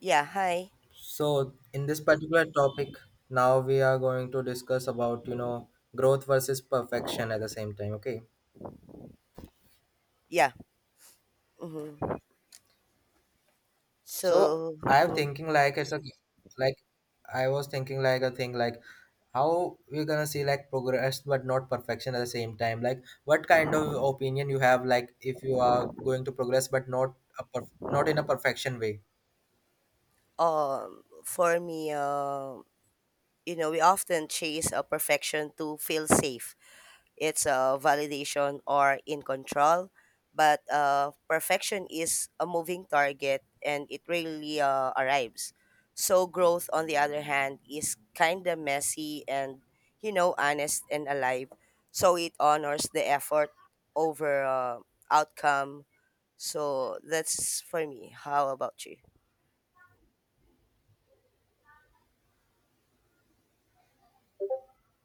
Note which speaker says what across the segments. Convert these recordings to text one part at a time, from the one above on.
Speaker 1: Yeah, hi.
Speaker 2: So in this particular topic, now we are going to discuss about, you know, growth versus perfection at the same time. Okay.
Speaker 1: Yeah. hmm
Speaker 2: So
Speaker 1: So,
Speaker 2: I am
Speaker 1: mhm.
Speaker 2: thinking like it's a like I was thinking like a thing like how we're gonna see like progress but not perfection at the same time. Like what kind of opinion you have like if you are going to progress but not not in a perfection way.
Speaker 1: For me, we often chase a perfection to feel safe. It's a validation or in control, but perfection is a moving target and it rarely arrives. So growth, on the other hand, is kind of messy and, honest and alive. So it honors the effort over outcome. So that's for me. How about you?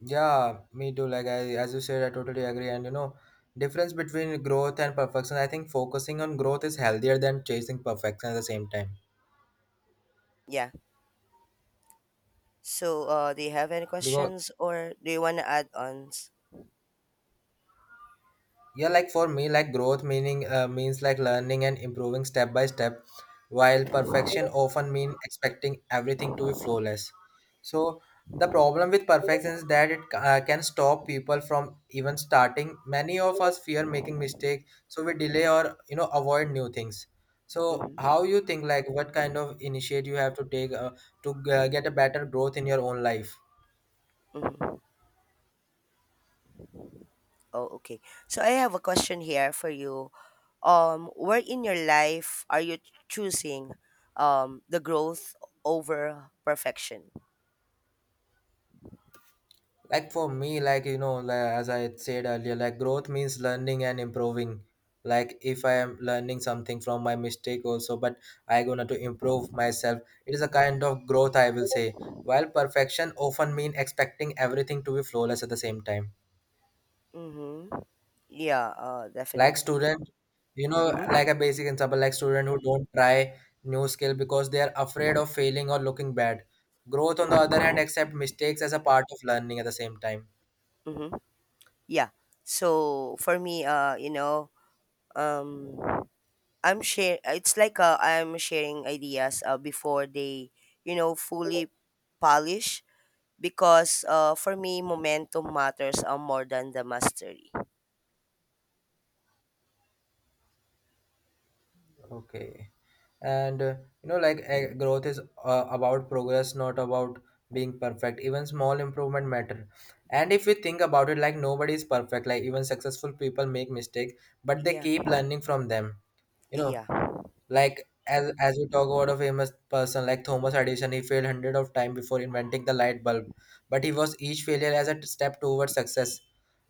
Speaker 2: Yeah, me too. Like I, as you said, I totally agree. And you know, difference between growth and perfection. I think focusing on growth is healthier than chasing perfection at the same time.
Speaker 1: Yeah. So do you have any
Speaker 2: Because
Speaker 1: questions or do you want to add ons?
Speaker 2: yeah like for me like growth meaning means like learning and improving step by step while perfection often mean expecting everything to be flawless. So the problem with perfection is that it can stop people from even starting. Many of us fear making mistake, so we delay or you know avoid new things. So
Speaker 1: Mm-hmm.
Speaker 2: how you think like what kind of initiate you have to take to get a better growth in your own life.
Speaker 1: Mm-hmm. Oh, okay. So I have a question here for you. Where in your life are you choosing the growth over perfection?
Speaker 2: Like for me like you know like, as I had said earlier, like growth means learning and improving. Like if I am learning something from my mistake also, but I gonna to improve myself, it is a kind of growth I will say. While perfection often mean expecting everything to be flawless at the same time.
Speaker 1: Mm-hmm. Yeah.
Speaker 2: Like
Speaker 1: Definitely.
Speaker 2: student, you know
Speaker 1: Mm-hmm.
Speaker 2: like a basic example like student who don't try new skill because they are afraid of failing or looking bad. Growth on the other hand
Speaker 1: Mm-hmm.
Speaker 2: accept mistakes as a part of learning at the same time.
Speaker 1: Mm-hmm. Yeah. So for me, um, I'm share. It's like I'm sharing ideas before they, fully polish. Because for me, momentum matters more than the mastery.
Speaker 2: Okay. And you know like growth is about progress, not about being perfect. Even small improvement matter. And if you think about it, like nobody is perfect. Like even successful people make mistake, but they
Speaker 1: Yeah,
Speaker 2: keep learning from them. You know,
Speaker 1: yeah,
Speaker 2: like as we talk about a famous person like Thomas Edison, he failed hundred of times before inventing the light bulb, but he was each failure as a step towards success.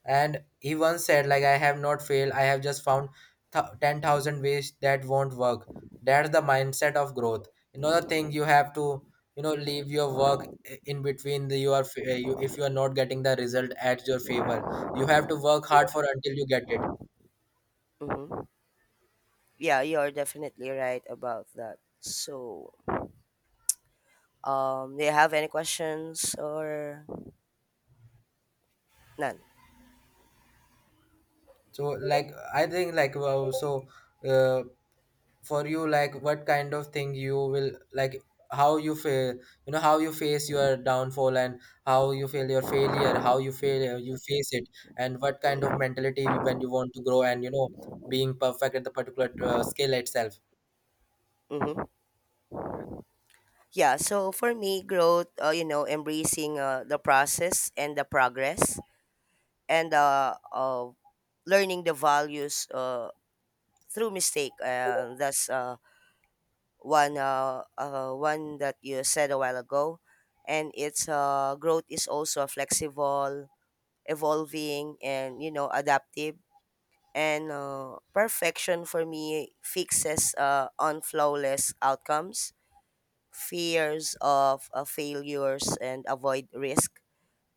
Speaker 2: And he once said, like I have not failed, I have just found 10,000 ways that won't work. That's the mindset of growth. Another thing you have to you know leave your work in between. The you are fa- you, If you are not getting the result at your favor, you have to work hard for until you get it.
Speaker 1: mm-hmm. Yeah. You're definitely right about that. So do you have any questions or none?
Speaker 2: So like I think like wow. So uh, for you, like what kind of thing you will like, how you feel, you know, how you face your downfall, and how you feel your failure, how you fail you face it, and what kind of mentality when you want to grow, and you know being perfect at the particular skill itself.
Speaker 1: Mm-hmm. Yeah. So for me, growth. Embracing the process and the progress, and learning the values. Through mistake. That's one that you said a while ago, and its growth is also flexible, evolving, and adaptive. And perfection for me fixes on flawless outcomes, fears of failures, and avoid risk.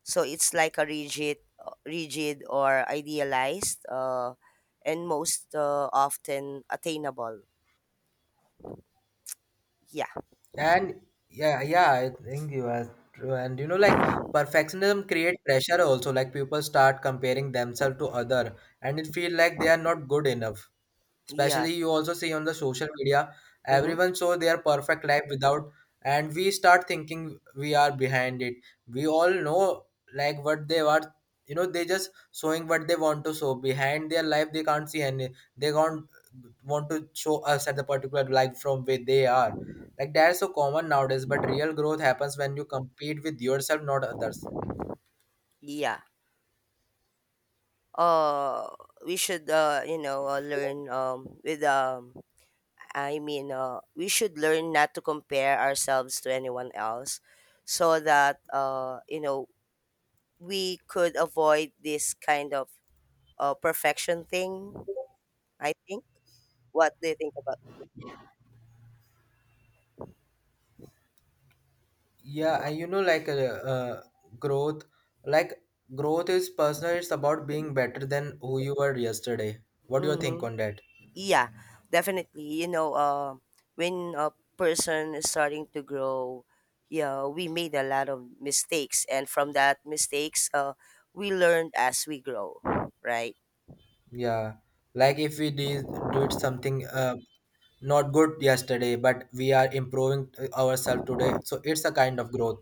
Speaker 1: So it's like a rigid, rigid or idealized, and most often attainable. Yeah.
Speaker 2: And yeah, I think you are true. And you know like perfectionism create pressure also. Like people start comparing themselves to other, and it feel like they are not good enough.
Speaker 1: Yeah.
Speaker 2: Especially you also see on the social media,
Speaker 1: Mm-hmm.
Speaker 2: everyone show their perfect life without, and we start thinking we are behind it. We all know like what they are, you know, they just showing what they want to show. Behind their life they can't see any, they can't want to show us at the particular life from where they are. Like that's so common nowadays, but real growth happens when you compete with yourself, not others.
Speaker 1: Yeah. Uh, we should, learn we should learn not to compare ourselves to anyone else so that, we could avoid this kind of perfection thing, I think. What do you think about?
Speaker 2: Yeah, and you know like growth like growth is personal, it's about being better than who you were yesterday. What do you
Speaker 1: Mm-hmm.
Speaker 2: think on that?
Speaker 1: Yeah, definitely. You know, when a person is starting to grow, yeah, we made a lot of mistakes, and from that mistakes, we learned as we grow, right?
Speaker 2: Yeah, like if we did something not good yesterday but we are improving ourselves today, so it's a kind of growth.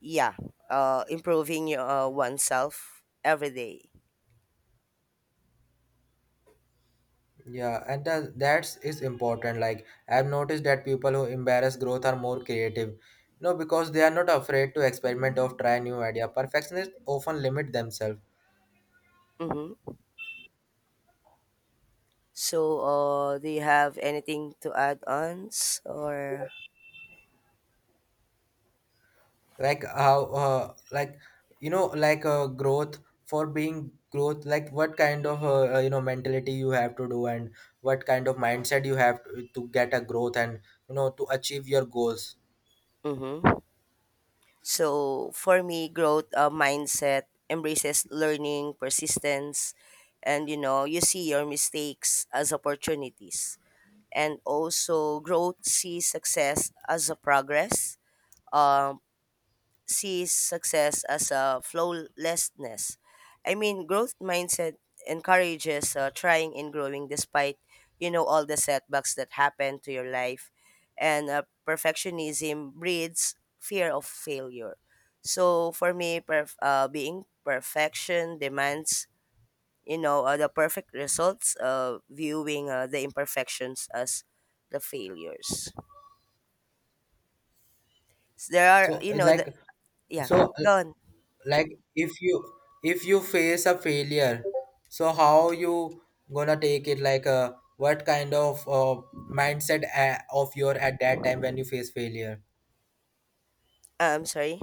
Speaker 1: Yeah, improving your oneself every day.
Speaker 2: Yeah, and the, that's is important. Like I've noticed that people who embrace growth are more creative, no, because they are not afraid to experiment or try new idea. Perfectionists often limit themselves.
Speaker 1: Mm-hmm. So, do you have anything to add on, or?
Speaker 2: Like how like you know like growth, for being growth, like what kind of you know mentality you have to do, and what kind of mindset you have to get a growth, and you know to achieve your goals.
Speaker 1: Mm-hmm. So for me, growth mindset embraces learning, persistence, and you know, you see your mistakes as opportunities. And also, growth sees success as a progress. Um, Sees success as a flawlessness. I mean, growth mindset encourages trying and growing despite, all the setbacks that happen to your life. And perfectionism breeds fear of failure. So for me, being perfection demands, the perfect results, viewing the imperfections as the failures. So there are,
Speaker 2: So
Speaker 1: you know, the,
Speaker 2: like,
Speaker 1: yeah,
Speaker 2: so
Speaker 1: go on.
Speaker 2: like if you, if you face a failure, so how you gonna take it, like what kind of mindset of your at that time when you face failure.
Speaker 1: I'm sorry.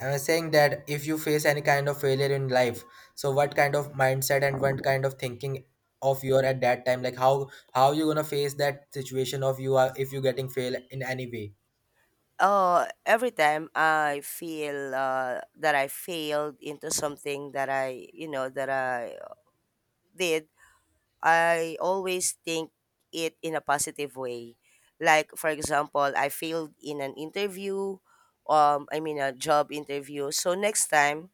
Speaker 2: I was saying that if you face any kind of failure in life, so what kind of mindset and what kind of thinking of your at that time, like how you gonna face that situation of you are if you getting fail in any way.
Speaker 1: Every time I feel that I failed into something that I, that I did, I always think it in a positive way. Like, for example, I failed in an interview, I mean, a job interview. So next time,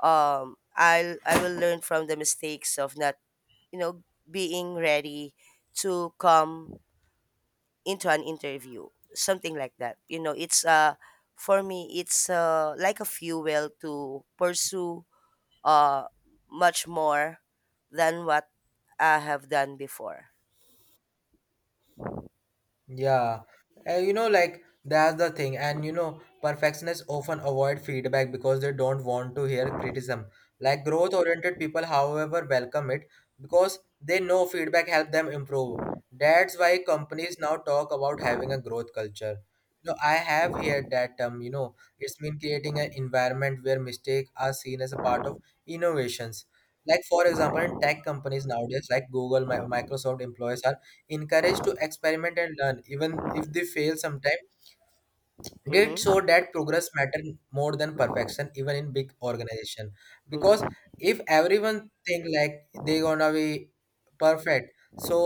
Speaker 1: I will learn from the mistakes of not, you know, being ready to come into an interview, something like that. You know it's For me, it's like a fuel to pursue uh much more than what I have done before.
Speaker 2: Yeah. You know, like that's the thing, and you know, perfectionists often avoid feedback because they don't want to hear criticism. Like growth-oriented people, however, welcome it because they know feedback help them improve. That's why companies now talk about having a growth culture. You know, I have heard that term. You know, it's been creating an environment where mistakes are seen as a part of innovations. Like for example, in tech companies nowadays, like Google, Microsoft employees are encouraged to experiment and learn, even if they fail sometimes. Did show
Speaker 1: Mm-hmm,
Speaker 2: that progress mattered more than perfection even in big organization. Because
Speaker 1: mm-hmm,
Speaker 2: if everyone think like they gonna be perfect, so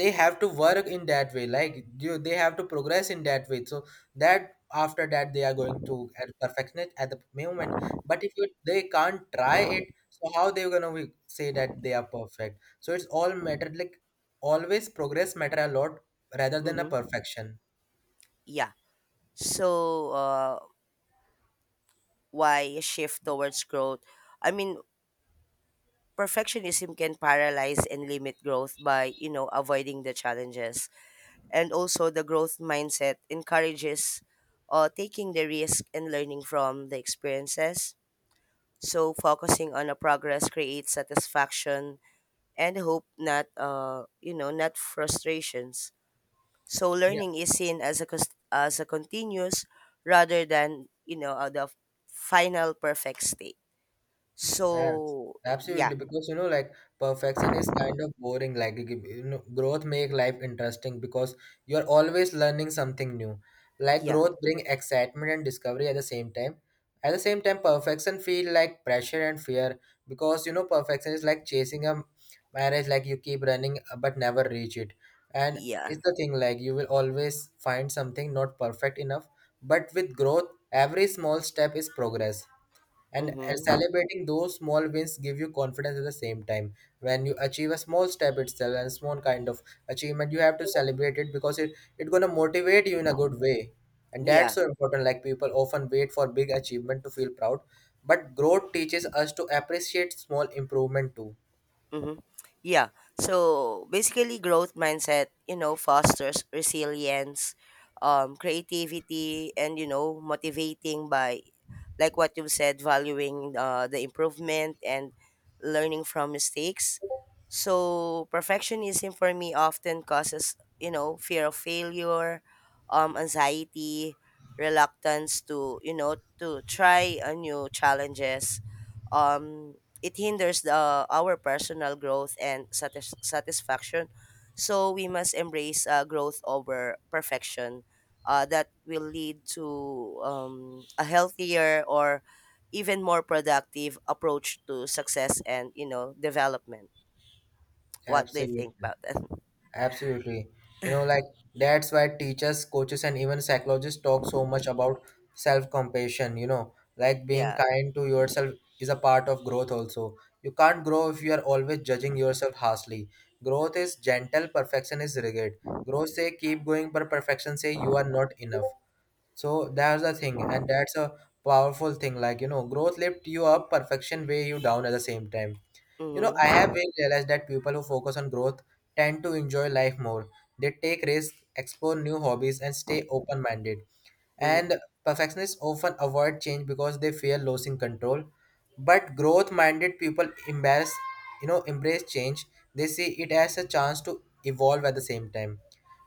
Speaker 2: they have to work in that way, like you they have to progress in that way, so that after that they are going to at perfection it at the moment. But if you, they can't try it, so how they gonna be say that they are perfect? So it's all matter, like always progress matter a lot rather than a
Speaker 1: mm-hmm.
Speaker 2: perfection.
Speaker 1: Yeah. So why shift towards growth? I mean, perfectionism can paralyze and limit growth by avoiding the challenges. And also, the growth mindset encourages taking the risk and learning from the experiences. So focusing on a progress creates satisfaction and hope, not not frustrations. So learning is seen as a continuous rather than the final perfect state.
Speaker 2: Yes.
Speaker 1: So yeah,
Speaker 2: Absolutely, because you know, like perfection is kind of boring. Like you know, growth make life interesting because you're always learning something new. Like
Speaker 1: yeah,
Speaker 2: growth bring excitement and discovery at the same time. At the same time, perfection feel like pressure and fear because you know perfection is like chasing a marriage. Like you keep running but never reach it, and
Speaker 1: yeah,
Speaker 2: it's the thing. Like you will always find something not perfect enough, but with growth, every small step is progress. And
Speaker 1: mm-hmm,
Speaker 2: celebrating those small wins give you confidence at the same time. When you achieve a small step itself and small kind of achievement, you have to celebrate it because it gonna motivate you in a good way. And that's
Speaker 1: yeah.
Speaker 2: so important. Like people often wait for big achievement to feel proud, but growth teaches us to appreciate small improvement too.
Speaker 1: Mm-hmm. Yeah. So basically, growth mindset, you know, fosters resilience, creativity, and motivating by, like what you said, valuing the improvement and learning from mistakes. So perfectionism for me often causes, fear of failure, anxiety, reluctance to, to try a new challenges, um it hinders the, our personal growth and satisfaction. So we must embrace growth over perfection. That will lead to a healthier or even more productive approach to success and development. What do you think
Speaker 2: Absolutely.
Speaker 1: about that?
Speaker 2: Absolutely. You know, like that's why teachers, coaches, and even psychologists talk so much about self compassion. You know, like being
Speaker 1: Yeah.
Speaker 2: kind to yourself is a part of growth, also. You can't grow if you are always judging yourself harshly. Growth is gentle, perfection is rigid. Growth say keep going, but perfection say you are not enough. So that's the thing, and that's a powerful thing. Like, you know, growth lift you up, perfection weigh you down at the same time. You know, I
Speaker 1: Mm-hmm.
Speaker 2: have really realized that people who focus on growth tend to enjoy life more. They take risks, explore new hobbies, and stay open minded.
Speaker 1: Mm-hmm.
Speaker 2: And perfectionists often avoid change because they fear losing control, but growth minded people embrace, you know, embrace change. They see it as a chance to evolve at the same time,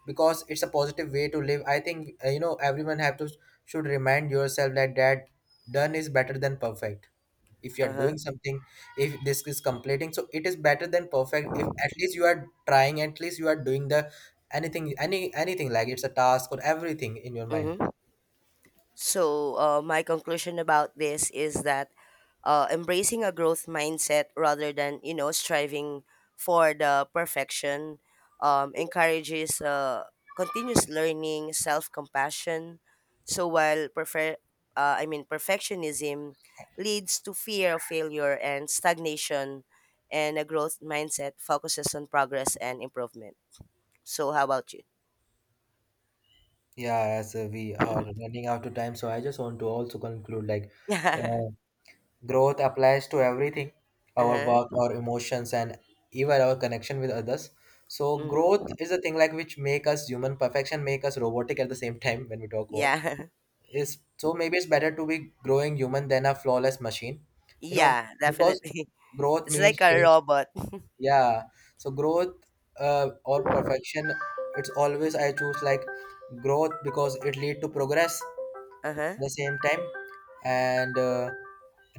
Speaker 2: because it's a positive way to live. I think you know everyone have to should remind yourself that done is better than perfect. If you
Speaker 1: Uh
Speaker 2: are
Speaker 1: huh.
Speaker 2: doing something, if this is completing, so it is better than perfect. If at least you are trying, at least you are doing the anything, anything like it's a task or everything in your mind.
Speaker 1: Mm-hmm. So, my conclusion about this is that embracing a growth mindset rather than striving for the perfection encourages continuous learning, self-compassion. So while prefer, I mean perfectionism leads to fear of failure and stagnation, and a growth mindset focuses on progress and improvement. So, how about you?
Speaker 2: Yeah, as we are running out of time, so I just want to also conclude like uh, growth applies to everything, our work,
Speaker 1: Uh-huh.
Speaker 2: our emotions, and even our connection with others. So growth
Speaker 1: Hmm.
Speaker 2: is a thing like which make us human, perfection make us robotic at the same time when we talk about
Speaker 1: Yeah.
Speaker 2: is. So maybe it's better to be growing human than a flawless machine, you know,
Speaker 1: Yeah,
Speaker 2: because
Speaker 1: definitely.
Speaker 2: growth
Speaker 1: It's
Speaker 2: means
Speaker 1: like a
Speaker 2: change.
Speaker 1: robot.
Speaker 2: Yeah, so growth or perfection, it's always I choose like growth because it lead to progress
Speaker 1: Uh-huh.
Speaker 2: at the same time. And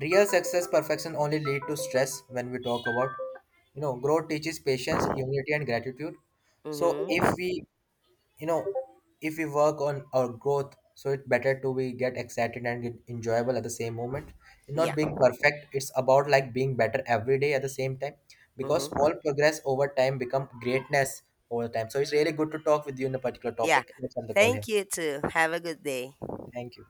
Speaker 2: real success, perfection only lead to stress when we talk about. You know, growth teaches patience, humility, and gratitude. So if
Speaker 1: Mm-hmm.
Speaker 2: we, you know, if we work on our growth, so it's better to we get excited and get enjoyable at the same moment, not
Speaker 1: Yeah.
Speaker 2: being perfect. It's about like being better every day at the same time, because
Speaker 1: Mm-hmm.
Speaker 2: small progress over time become greatness over time. So it's really good to talk with you in a particular
Speaker 1: Yeah.
Speaker 2: topic. Let's end the call here.
Speaker 1: Thank you too. Have a good day.
Speaker 2: Thank you.